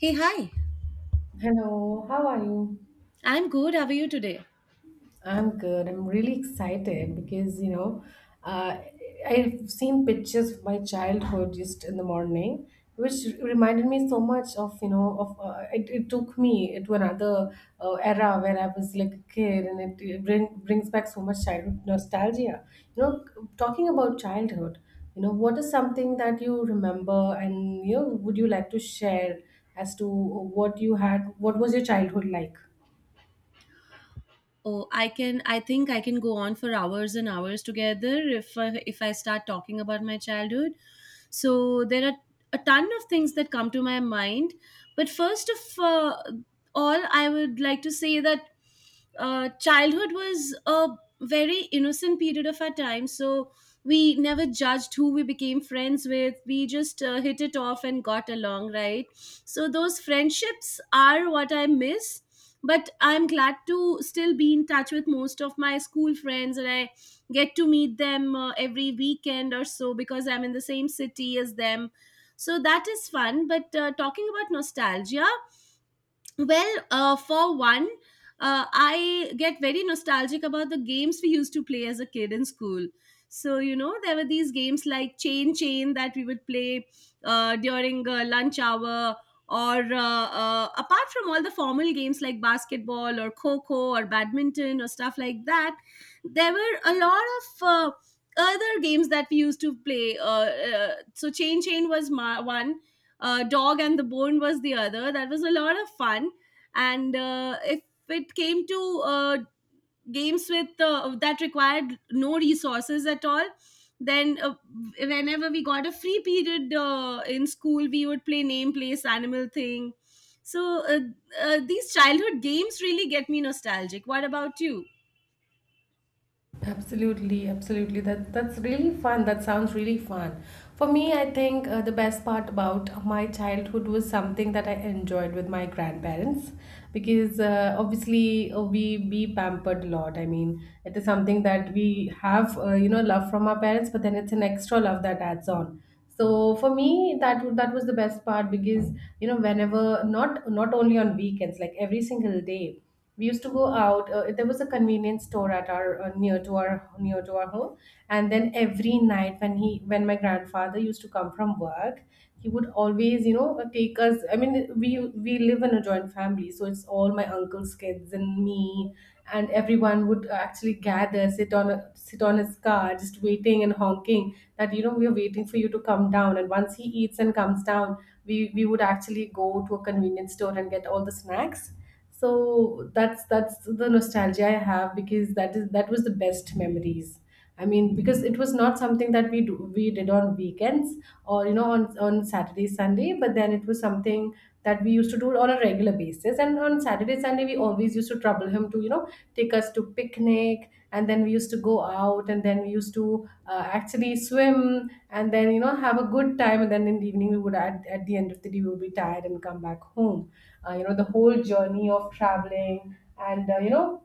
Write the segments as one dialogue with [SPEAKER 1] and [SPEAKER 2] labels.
[SPEAKER 1] Hey, hi.
[SPEAKER 2] Hello, how are you?
[SPEAKER 1] I'm good. How are you today?
[SPEAKER 2] I'm good. I'm really excited because, uh, I've seen pictures of my childhood just in the morning, which reminded me so much of, it, it took me to another era where I was like a kid, and it brings back so much childhood nostalgia. You know, Talking about childhood, what is something that you remember, and, would you like to share as to what you had, what was your childhood like?
[SPEAKER 1] Oh, I can. I think I can go on for hours and hours together if I start talking about my childhood. So there are a ton of things that come to my mind. But first of all, I would like to say that childhood was a very innocent period of our time. So we never judged who we became friends with. We just hit it off and got along, right? So those friendships are what I miss, but I'm glad to still be in touch with most of my school friends, and I get to meet them every weekend or so because I'm in the same city as them. So that is fun. But talking about nostalgia, well, for one, I get very nostalgic about the games we used to play as a kid in school. So, you know, there were these games like Chain Chain that we would play during lunch hour, or apart from all the formal games like basketball or kho kho or badminton or stuff like that, there were a lot of other games that we used to play. Chain Chain was my one, Dog and the Bone was the other. That was a lot of fun. And if it came to games with that required no resources at all, then whenever we got a free period in school, we would play name place animal thing. So these childhood games really get me nostalgic. What about you?
[SPEAKER 2] Absolutely, absolutely. That's really fun. That sounds really fun. For me, I think the best part about my childhood was something that I enjoyed with my grandparents, because obviously we be pampered a lot. I mean, it is something that we have, love from our parents, but then it's an extra love that adds on. So for me, that was the best part, because whenever, not only on weekends, like every single day we used to go out. There was a convenience store at our, near to our home, and then every night, when my grandfather used to come from work, he would always take us. I mean, we live in a joint family, so it's all my uncle's kids and me, and everyone would actually gather, sit on his car just waiting and honking that we are waiting for you to come down. And once he eats and comes down, we would actually go to a convenience store and get all the snacks. So that's the nostalgia I have, because that was the best memories. I mean, because it was not something that we did on weekends or on Saturday Sunday, but then it was something that we used to do on a regular basis. And on Saturday Sunday, we always used to trouble him to take us to picnic, and then we used to go out, and then we used to actually swim, and then have a good time, and then in the evening we would, at the end of the day, we would be tired and come back home. The whole journey of traveling, and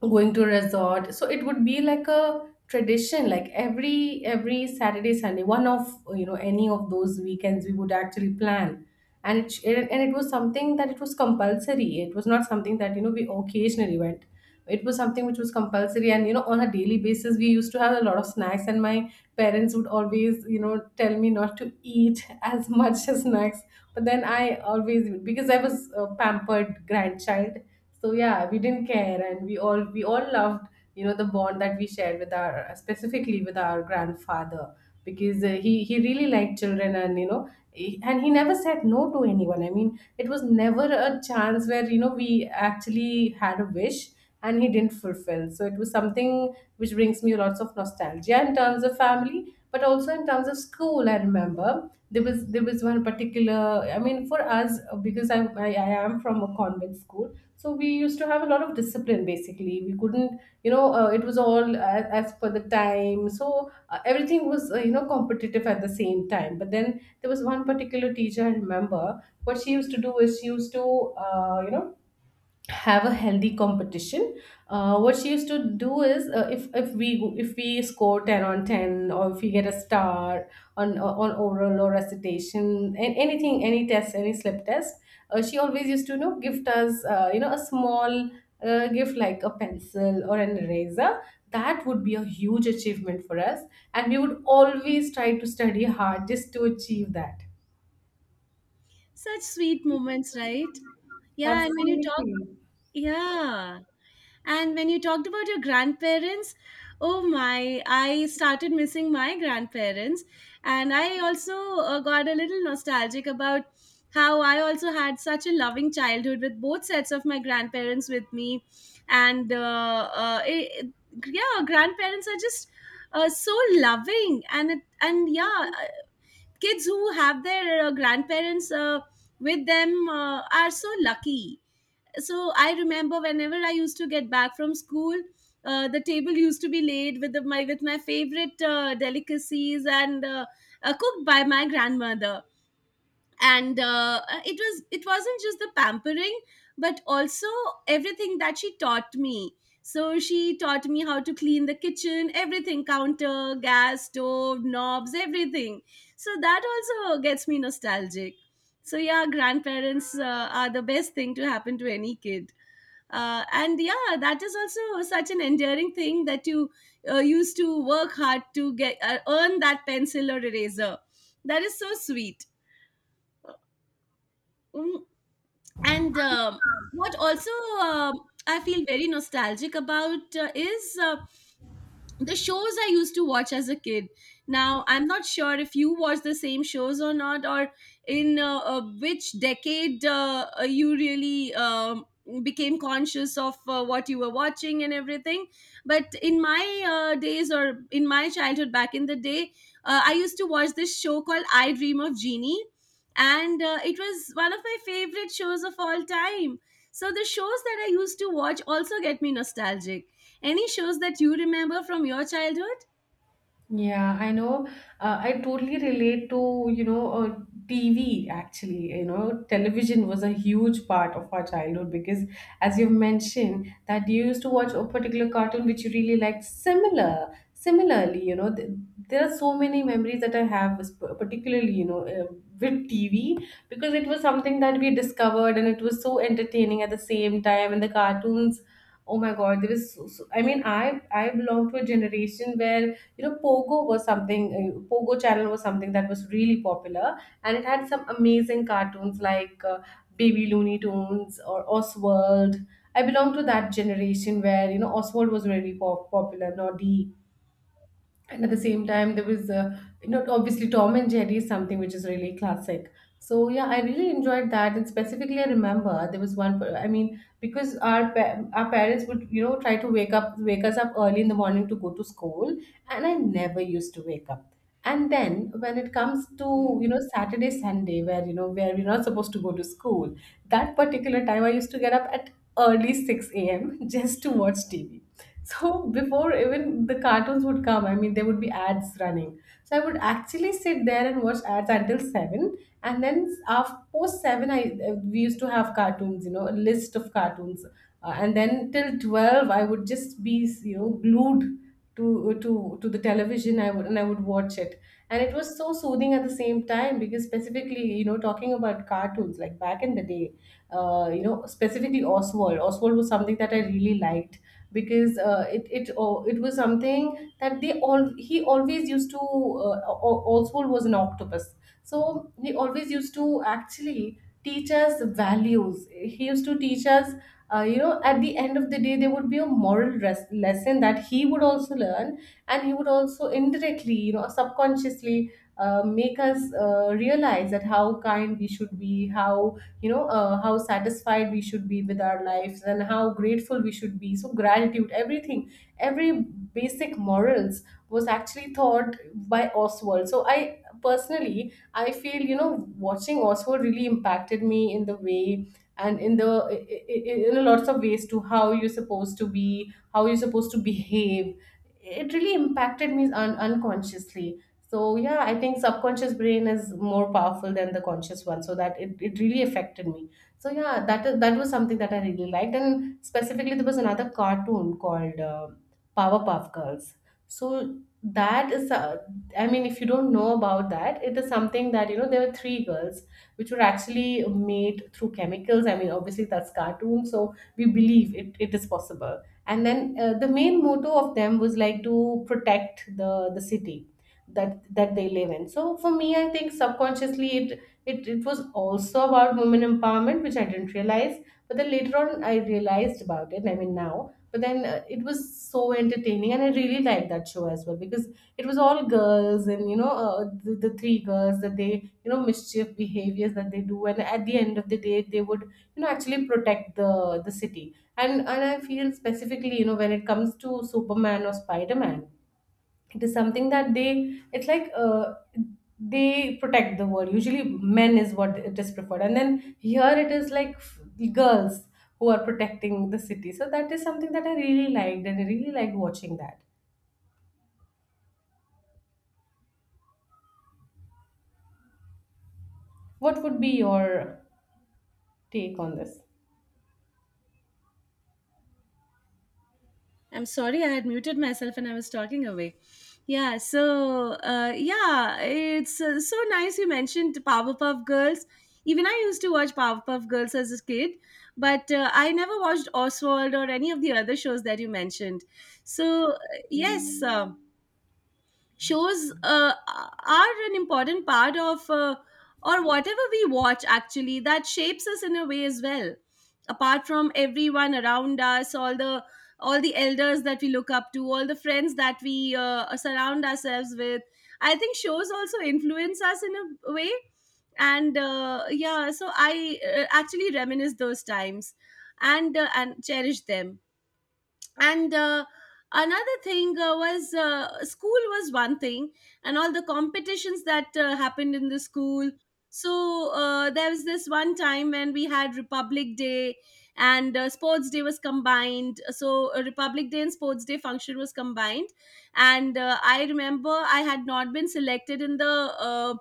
[SPEAKER 2] going to a resort. So it would be like a tradition, like every Saturday Sunday, one of you know any of those weekends we would actually plan. And and it was something that it was compulsory. It was not something that we occasionally went. It was something which was compulsory. And on a daily basis we used to have a lot of snacks, and my parents would always tell me not to eat as much as snacks, but then I always, because I was a pampered grandchild, so yeah, we didn't care. And we all loved the bond that we shared with our, specifically with our grandfather, because he really liked children. And and he never said no to anyone. I mean, it was never a chance where we actually had a wish and he didn't fulfill. So it was something which brings me lots of nostalgia in terms of family, but also in terms of school. I remember there was one particular, I mean, for us, because I am from a convent school, so we used to have a lot of discipline. Basically, we couldn't, it was all, as per the time. So everything was competitive at the same time. But then there was one particular teacher I remember. What she used to do is she used to have a healthy competition. What she used to do is, if if we score 10 on 10, or if we get a star on, on oral or recitation, and anything, any test, any slip test, she always used to gift us, a small gift like a pencil or an eraser. That would be a huge achievement for us, and we would always try to study hard just to achieve that.
[SPEAKER 1] Such sweet moments, right? Yeah. and when you talk
[SPEAKER 2] Absolutely.
[SPEAKER 1] Yeah. And when you talked about your grandparents, oh my, I started missing my grandparents. And I also got a little nostalgic about how I also had such a loving childhood with both sets of my grandparents with me. And yeah, grandparents are just so loving. And yeah, uh, kids who have their grandparents with them are so lucky. So I remember whenever I used to get back from school, the table used to be laid with the, my with my favorite delicacies, and cooked by my grandmother. And it wasn't just the pampering, but also everything that she taught me. So she taught me how to clean the kitchen: everything, counter, gas stove knobs, everything. So that also gets me nostalgic. So yeah, grandparents are the best thing to happen to any kid. And yeah, that is also such an endearing thing that you used to work hard to get earn that pencil or eraser. That is so sweet. Mm, and what also, um, I feel very nostalgic about is the shows I used to watch as a kid. Now, I'm not sure if you watch the same shows or not, or in which decade you really became conscious of what you were watching and everything. But in my days, or in my childhood back in the day, I used to watch this show called I Dream of Genie. And it was one of my favorite shows of all time. So the shows that I used to watch also get me nostalgic. Any shows that you remember from your childhood?
[SPEAKER 2] Yeah, I know. I totally relate to, TV actually. Television was a huge part of our childhood, because, as you've mentioned, that you used to watch a particular cartoon which you really liked. Similarly, you know, th there are so many memories that I have, particularly, with TV, because it was something that we discovered and it was so entertaining at the same time. And the cartoons, oh my God, there was so, so, I mean, I belong to a generation where Pogo channel was something that was really popular, and it had some amazing cartoons like Baby Looney Tunes or Oswald. I belong to that generation where Oswald was very popular, Noddy, and at the same time there was obviously Tom and Jerry is something which is really classic. So yeah, I really enjoyed that, and specifically I remember there was I mean, because our parents would try to wake us up early in the morning to go to school, and I never used to wake up. And then when it comes to Saturday Sunday, where where we're not supposed to go to school, that particular time I used to get up at early 6 a.m. just to watch TV. So before even the cartoons would come, I mean, there would be ads running. So I would actually sit there and watch ads until 7, and then after post 7, I we used to have cartoons, a list of cartoons, and then till 12, I would just be glued to the television. I would watch it, and it was so soothing at the same time, because specifically, talking about cartoons like back in the day, specifically Oswald. Oswald was something that I really liked, because it was something that, they all he always used to, also was an octopus. So he always used to actually teach us values. He used to teach us, at the end of the day there would be a moral lesson that he would also learn. And he would also indirectly subconsciously make us realize that how kind we should be, how how satisfied we should be with our lives, and how grateful we should be. So gratitude, everything, every basic morals was actually taught by Oswald. So I feel watching Oswald really impacted me in the way, and in the I- in a lots of ways to how you're supposed to be, how you're supposed to behave. It really impacted me unconsciously. So yeah, I think subconscious brain is more powerful than the conscious one, so that it really affected me. So yeah, that was something that I really liked, and specifically there was another cartoon called Powerpuff Girls. So that is I mean, if you don't know about that, it is something that there were three girls which were actually made through chemicals. I mean, obviously that's cartoon, so we believe it is possible. And then the main motto of them was like to protect the city that they live in. So for me, I think subconsciously it was also about women empowerment, which I didn't realize, but then later on I realized about it. I mean, now. But then it was so entertaining and I really liked that show as well, because it was all girls. And the three girls that they, mischief behaviors that they do, and at the end of the day they would actually protect the city. And I feel specifically, when it comes to Superman or Spider-Man, it is something that they, it's like they protect the world usually, men is what it is preferred, and then here it is like the girls who are protecting the city. So that is something that I really liked, and I really liked watching that. What would be your take on this?
[SPEAKER 1] I'm sorry, I had muted myself and I was talking away. Yeah, so, it's so nice you mentioned Powerpuff Girls. Even I used to watch Powerpuff Girls as a kid, but I never watched Oswald or any of the other shows that you mentioned. So, yes. Shows are an important part of, or whatever we watch, actually, that shapes us in a way as well, apart from everyone around us, all the elders that we look up to, all the friends that we surround ourselves with. I think shows also influence us in a way. And yeah, so I actually reminisce those times and cherish them. And another thing was, school was one thing, and all the competitions that happened in the school. So there was this one time when we had Republic Day, and sports day was combined. So Republic Day and sports day function was combined. And I remember I had not been selected in the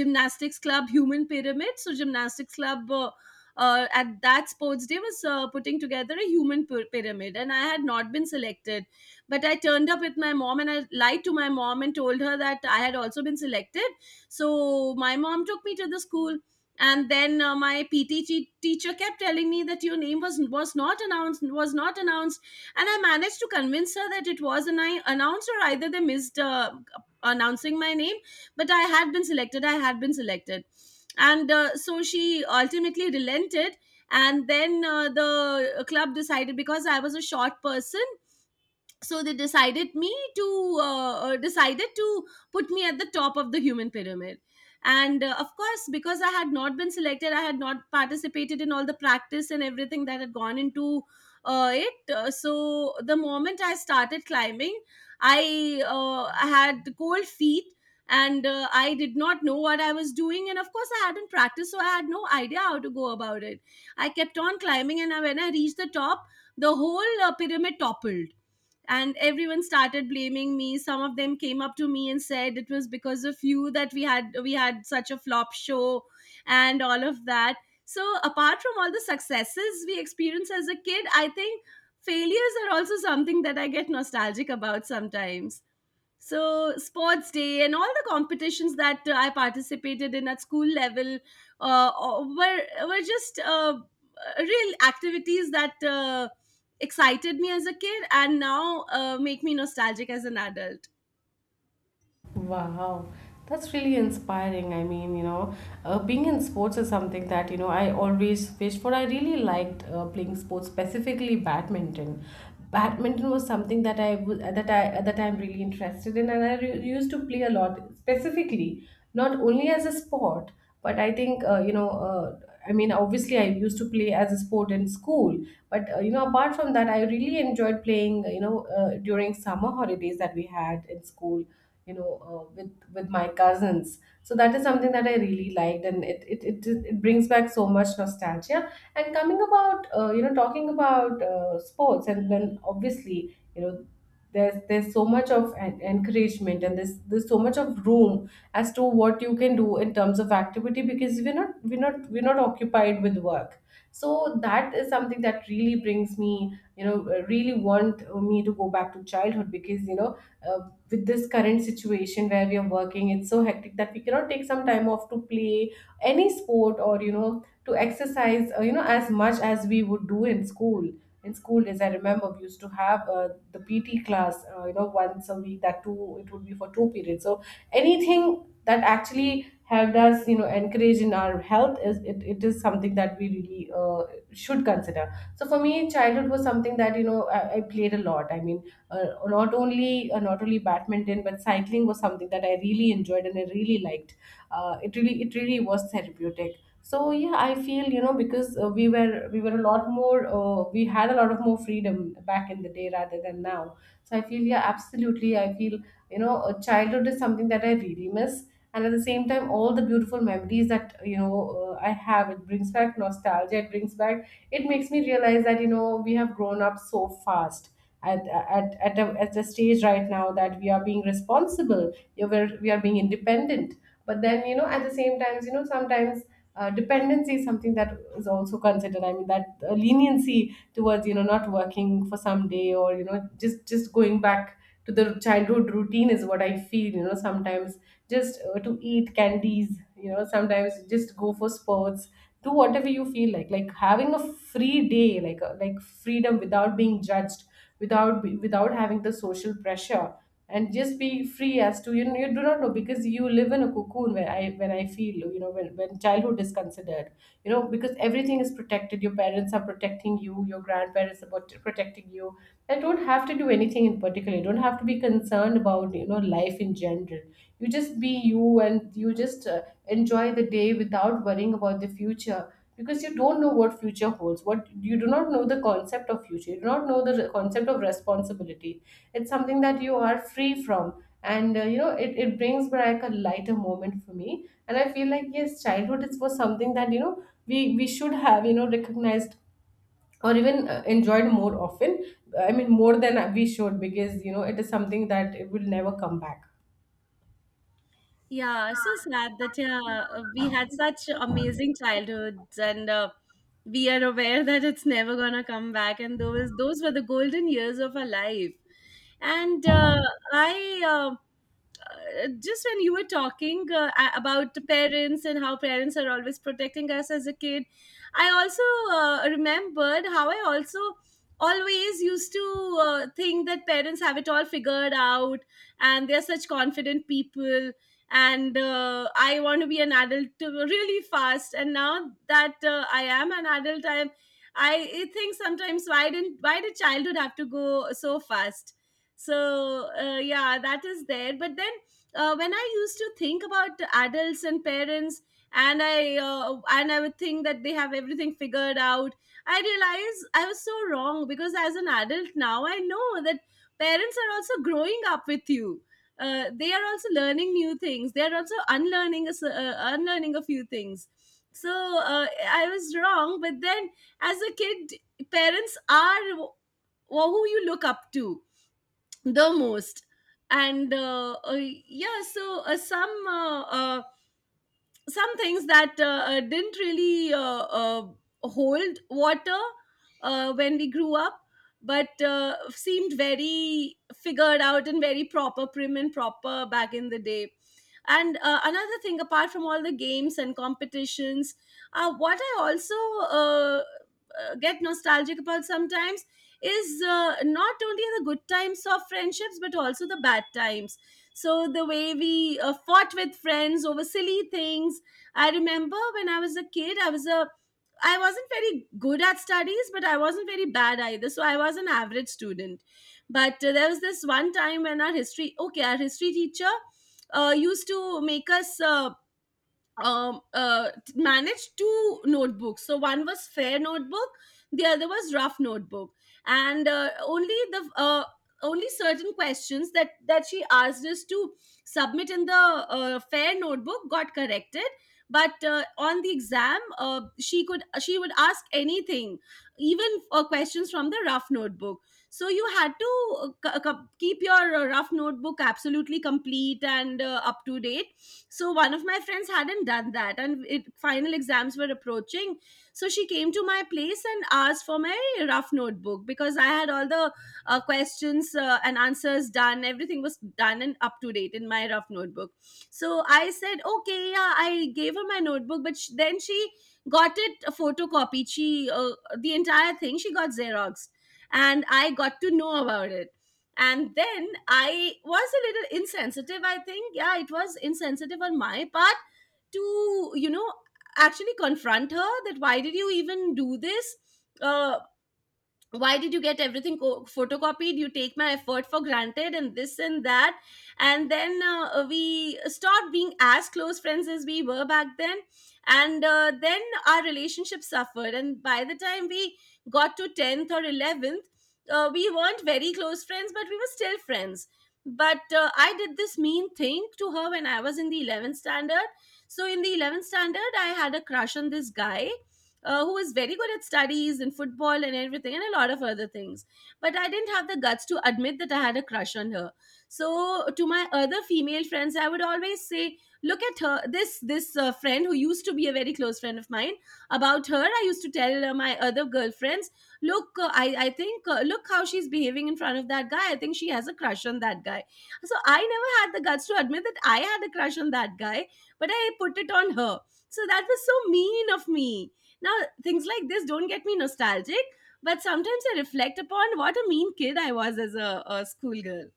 [SPEAKER 1] gymnastics club human pyramid. So gymnastics club, at that sports day, was putting together a human pyramid, and I had not been selected. But I turned up with my mom, and I lied to my mom and told her that I had also been selected. So my mom took me to the school, and then my PT teacher kept telling me that your name was not announced, was not announced. And I managed to convince her that it was an I announced, or either they missed announcing my name, but I had been selected, I had been selected. And so she ultimately relented. And then the club decided, because I was a short person, so they decided to put me at the top of the human pyramid. And of course, because I had not been selected, I had not participated in all the practice and everything that had gone into it. So the moment I started climbing, I had cold feet, and I did not know what I was doing, and of course I hadn't practiced, so I had no idea how to go about it. I kept on climbing, and when I reached the top, the whole pyramid toppled, and everyone started blaming me. Some of them came up to me and said it was because of you that we had such a flop show, and all of that. So apart from all the successes we experience as a kid, I think failures are also something that I get nostalgic about sometimes. So sports day and all the competitions that I participated in at school level uh, uh, were were just real activities that excited me as a kid and now make me nostalgic as an adult.
[SPEAKER 2] Wow, that's really inspiring. I mean, being in sports is something that, I always wished for. I really liked playing sports, specifically badminton. Badminton was something that I was that I at the time really interested in, and used to play a lot, specifically not only as a sport, but I think I mean, obviously I used to play as a sport in school, but apart from that, I really enjoyed playing, during summer holidays that we had in school, with my cousins. So that is something that I really liked, and it brings back so much nostalgia. And coming about, talking about sports, and then obviously, there's so much of encouragement, and there's so much of room as to what you can do in terms of activity, because we're not occupied with work. So that is something that really brings me, really want me to go back to childhood, because uh, with this current situation where we are working, it's so hectic that we cannot take some time off to play any sport, or to exercise as much as we would do in school. In school days, I remember we used to have the PT class, once a week, that two it would be for two periods. So anything that actually helped us, encourage in our health, is it is something that we really should consider. So for me, childhood was something that, I played a lot. I mean, not only, not only badminton, but cycling was something that I really enjoyed and I really liked. It really was therapeutic. So yeah, I feel, because we had a lot of more freedom back in the day rather than now. So I feel, yeah, absolutely. I feel, childhood is something that I really miss. And at the same time, all the beautiful memories that, I have, it brings back nostalgia. It brings back. It makes me realize that, we have grown up so fast, at a stage right now that we are being responsible. We are being independent, but then, at the same times, sometimes dependency is something that is also considered. I mean, that leniency towards, not working for some day, or just going back to the childhood routine is what I feel, sometimes. Just to eat candies, sometimes just go for sports, do whatever you feel like having a free day, like freedom, without being judged, without having the social pressure, and just be free, as to, you do not know, because you live in a cocoon, where I when I feel, when childhood is considered, because everything is protected. Your parents are protecting you, your grandparents are protecting you, and don't have to do anything in particular. You don't have to be concerned about, life in general. You just be you, and you just enjoy the day, without worrying about the future, because you don't know what future holds, what you do not know the concept of future. You do not know the concept of responsibility. It's something that you are free from. And it brings back a lighter moment for me, and I feel like, yes, childhood is was something that, we should have, recognized or even enjoyed more often. I mean, more than we should, because, it is something that it will never come back.
[SPEAKER 1] Yeah, so sad that, yeah, we had such amazing childhoods, and we are aware that it's never gonna come back, and those were the golden years of our life. And I uh, just when you were talking about the parents and how parents are always protecting us as a kid, I also remembered how I also always used to think that parents have it all figured out and they're such confident people. And I want to be an adult really fast. And now that I am an adult, I think sometimes, why didn't why did childhood have to go so fast? So yeah, that is there. But then when I used to think about adults and parents, and I would think that they have everything figured out, I realized I was so wrong, because as an adult now, I know that parents are also growing up with you. They are also learning new things. They are also unlearning a few things. So I was wrong. But then as a kid, parents are who you look up to the most. And yeah, so some things that didn't really hold water when we grew up, but seemed very figured out and very proper prim and proper back in the day. And another thing, apart from all the games and competitions, what I also uh, get nostalgic about sometimes is not only the good times of friendships, but also the bad times. So the way we fought with friends over silly things. I remember when I was a kid, I wasn't very good at studies, but I wasn't very bad either. So I was an average student. But there was this one time when our history teacher used to make us managed two notebooks. So one was fair notebook, the other was rough notebook, and only certain questions that she asked us to submit in the fair notebook got corrected. But On the exam, she would ask anything, even questions from the rough notebook, so you had to keep your rough notebook absolutely complete and up to date. So one of my friends hadn't done that and it final exams were approaching, so she came to my place and asked for my rough notebook because I had all the questions and answers done, everything was done and up to date in my rough notebook. So I said okay, yeah, I gave her my notebook, but then she got it photocopied. She the entire thing, she got xeroxed, and I got to know about it. And then I was a little insensitive, I think. Yeah, it was insensitive on my part to, actually confront her that why did you even do this? Uh, why did you get everything photocopied? You take my effort for granted and this and that. And then we stopped being as close friends as we were back then, and then our relationship suffered. And by the time we got to 10th or 11th, we weren't very close friends but we were still friends. But I did this mean thing to her when I was in the 11th standard. So in the 11th standard I had a crush on this guy, who was very good at studies and football and everything and a lot of other things. But I didn't have the guts to admit that I had a crush on her. So to my other female friends, I would always say, "Look at her. This friend who used to be a very close friend of mine. About her, I used to tell my other girlfriends." Look, I think, look how she's behaving in front of that guy. I think she has a crush on that guy. So I never had the guts to admit that I had a crush on that guy, but I put it on her. So that was so mean of me. Now, things like this don't get me nostalgic, but sometimes I reflect upon what a mean kid I was as a schoolgirl.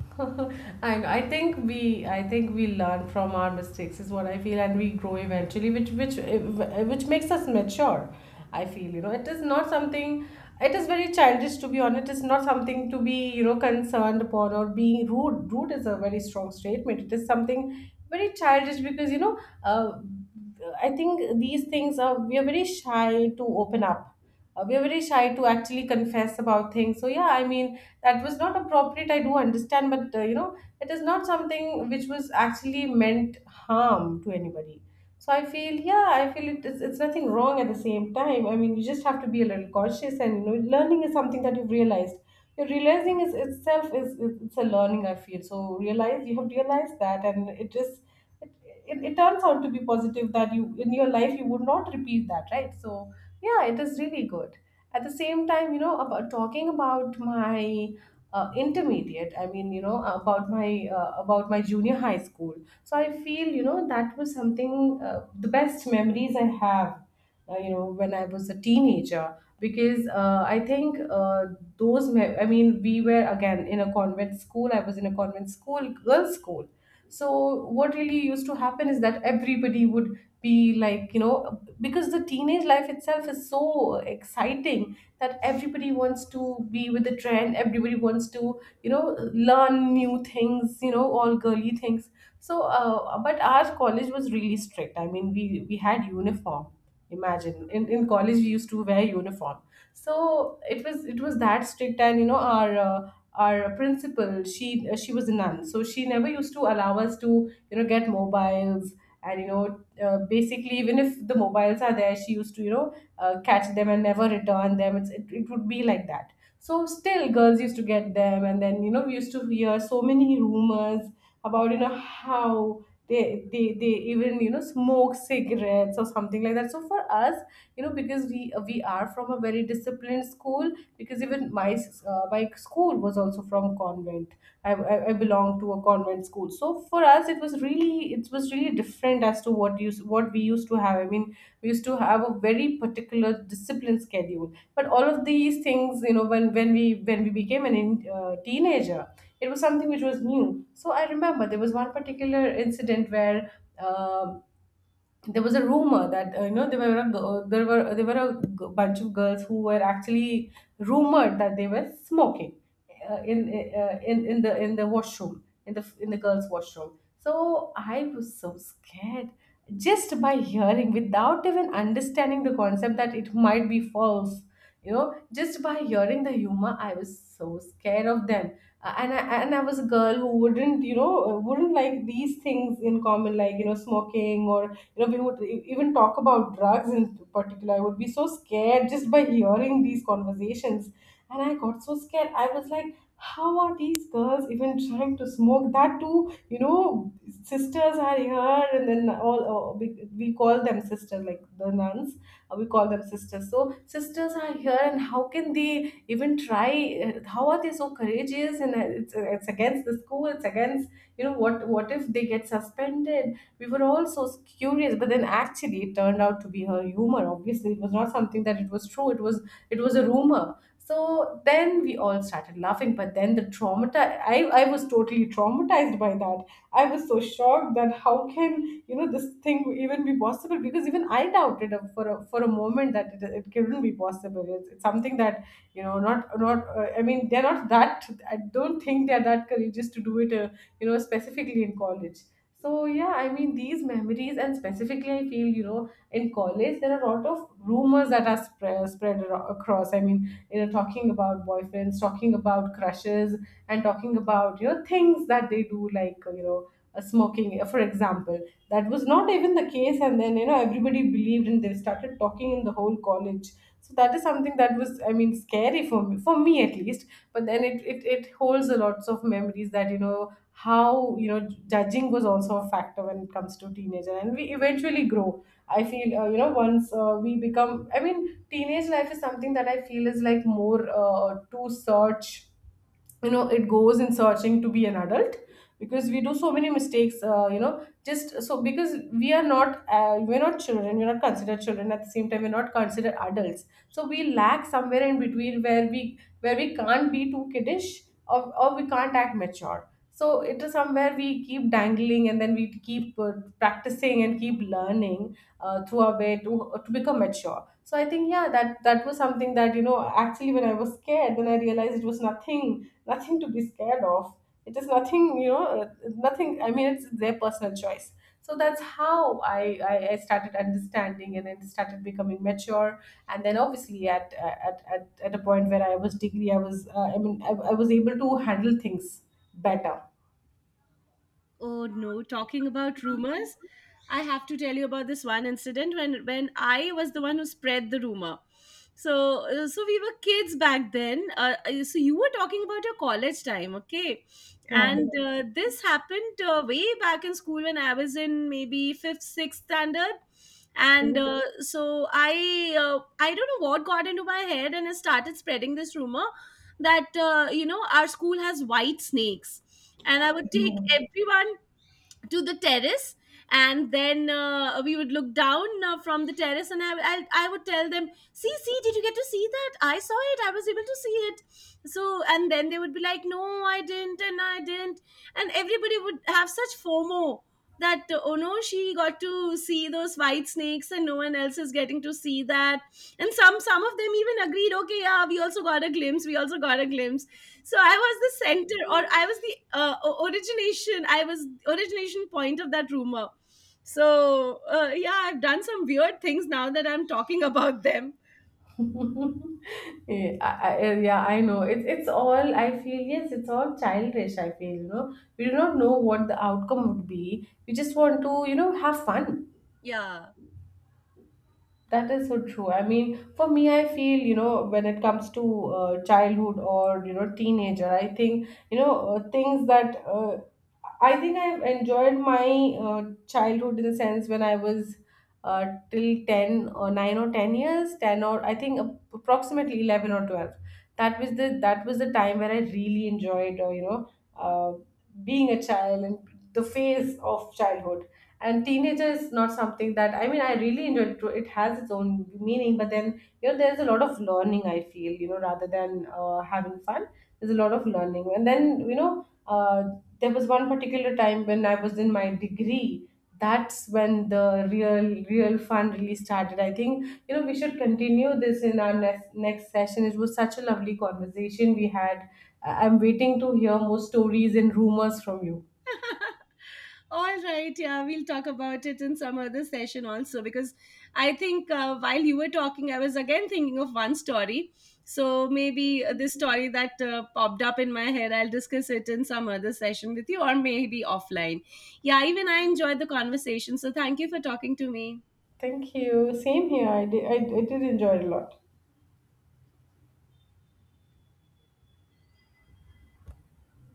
[SPEAKER 2] I know. I think we learn from our mistakes, is what I feel, and we grow eventually, which makes us mature. I feel, it is not something. It is very childish, to be honest. It's not something to be, concerned upon, or being rude. Rude is a very strong statement. It is something very childish, because, I think these things are, we are very shy to open up. We are very shy to actually confess about things. So yeah, I mean, that was not appropriate. I do understand. But it is not something which was actually meant harm to anybody. So I feel, yeah, I feel it's nothing wrong. At the same time, I mean, you just have to be a little cautious. And, learning is something that you've realized. Your realizing is itself it's a learning, I feel. So realize, you have realized that, and it is, it, it turns out to be positive, that you, in your life, you would not repeat that, right? So yeah, it is really good. At the same time, about talking about my intermediate. I mean, about my, junior high school. So I feel, that was something, the best memories I have, when I was a teenager. Because I think, I mean, we were again in a convent school. I was in a convent school, girls school. So what really used to happen is that everybody would be like, because the teenage life itself is so exciting, that everybody wants to be with the trend. Everybody wants to, you know learn new things, all girly things. So but our college was really strict. I mean, we had uniform. Imagine, in college we used to wear uniform. So it was that strict. And, our principal, she was a nun, so she never used to allow us to, get mobiles. And, basically, even if the mobiles are there, she used to, catch them and never return them. It would be like that. So still girls used to get them, and then, we used to hear so many rumors about, how they they even, smoke cigarettes or something like that. So for us, because we are from a very disciplined school, because even my school was also from convent. I belong to a convent school. So for us it was, really really it was really different, as to what we used to have, I mean. We used to have a very particular discipline schedule. But all of these things, when we became an, teenager, it was something which was new. So I remember there was one particular incident where, um there was a rumor that, there were a bunch of girls who were actually rumored that they were smoking in, in the washroom, in the girls washroom. So I was so scared, just by hearing, without even understanding the concept that it might be false. Just by hearing the humor, I was so scared of them. And I was a girl who wouldn't you know wouldn't like these things in common, like, smoking, or, we would even talk about drugs in particular. I would be so scared just by hearing these conversations. And I got so scared, I was like, how are these girls even trying to smoke? That too, sisters are here. And then all, we call them sisters, like the nuns. We call them sisters. So, sisters are here, and how can they even try? How are they so courageous? And it's against the school. It's against, what if they get suspended. We were all so curious. But then actually, it turned out to be her humor. Obviously it was not something that it was true. It was, it was a rumor. So then we all started laughing. But then the trauma, I was totally traumatized by that. I was so shocked, that how can, this thing even be possible. Because even I doubted, for a moment, that it couldn't be possible. It's something that, not not I mean, they're not that, I don't think they're that courageous to do it. Specifically in college. So yeah, I mean, these memories And specifically I feel, in college there are a lot of rumors that are across, I mean, you know, talking about boyfriends, talking about crushes, and talking about, things that they do like, smoking, for example. That was not even the case, and then, everybody believed and they started talking in the whole college. So that is something that was, I mean, scary for me, for me at least. But then it holds a lots of memories that, you know, how, you know, judging was also a factor when it comes to teenager. And we eventually grow, I feel, once, we become, I mean, teenage life is something that I feel is like more, to search. You know, it goes in searching to be an adult, because we do so many mistakes, just so because we are not, we're not children, we're not considered children. At the same time, we're not considered adults. So we lack somewhere in between, where we can't be too kiddish, or we can't act mature. So it is somewhere we keep dangling, and then we keep, practicing and keep learning, through our way to become mature. So I think, yeah, that was something that, you know, actually, when I was scared, then I realized it was nothing to be scared of. It is nothing, nothing, I mean, it's their personal choice. So that's how I started understanding and then started becoming mature. And then obviously at a point where I was degree, I was, I mean, I was able to handle things better.
[SPEAKER 1] Oh no, talking about rumors, I have to tell you about this one incident when I was the one who spread the rumor. So so we were kids back then. So you were talking about your college time, okay?
[SPEAKER 2] Yeah.
[SPEAKER 1] And this happened way back in school when I was in maybe 5th 6th standard. And
[SPEAKER 2] Food?
[SPEAKER 1] so I don't know what got into my head and I started spreading this rumor that you know, our school has white snakes, and I would take
[SPEAKER 2] No.
[SPEAKER 1] everyone to the terrace, and then we would look down from the terrace, and I would tell them, see, see, did you get to see that? I saw it, I was able to see it. So and then they would be like, no, I didn't, and I didn't. And everybody would have such FOMO that oh no, she got to see those white snakes and no one else is getting to see that. And some of them even agreed, okay, yeah, we also got a glimpse, we also got a glimpse. So I was the center, or I was the origination, I was origination point of that rumor. So yeah, I've done some weird things now that I'm talking about them.
[SPEAKER 2] Yeah, yeah, I know. It's all, I feel. Yes, it's all childish, I feel. You know, we do not know what the outcome would be. We just want to, have fun.
[SPEAKER 1] Yeah.
[SPEAKER 2] That is so true. I mean, for me, I feel, you know, when it comes to, childhood, or, you know, teenager, I think, you know, things that, I think I've enjoyed my, childhood, in the sense when I was, uh, till 10 or 9 or 10 years, 10, or I think approximately 11 or 12. That was the time where I really enjoyed, uh, being a child and the phase of childhood. And teenager is not something that, I mean, I really enjoy. It has its own meaning, but then, you know, there's a lot of learning, I feel, you know, rather than, having fun. There's a lot of learning. And then, there was one particular time when I was in my degree. That's when the real fun really started. I think, you know, we should continue this in our next session. It was such a lovely conversation we had. I'm waiting to hear more stories and rumors from you.
[SPEAKER 1] All right, yeah, we'll talk about it in some other session also because I think while you were talking, I was again thinking of one story. So maybe this story that popped up in my head, I'll discuss it in some other session with you or maybe offline. Yeah, even I enjoyed the conversation. So thank you for talking to me.
[SPEAKER 2] Thank you. Same here. I did, I did enjoy it a lot.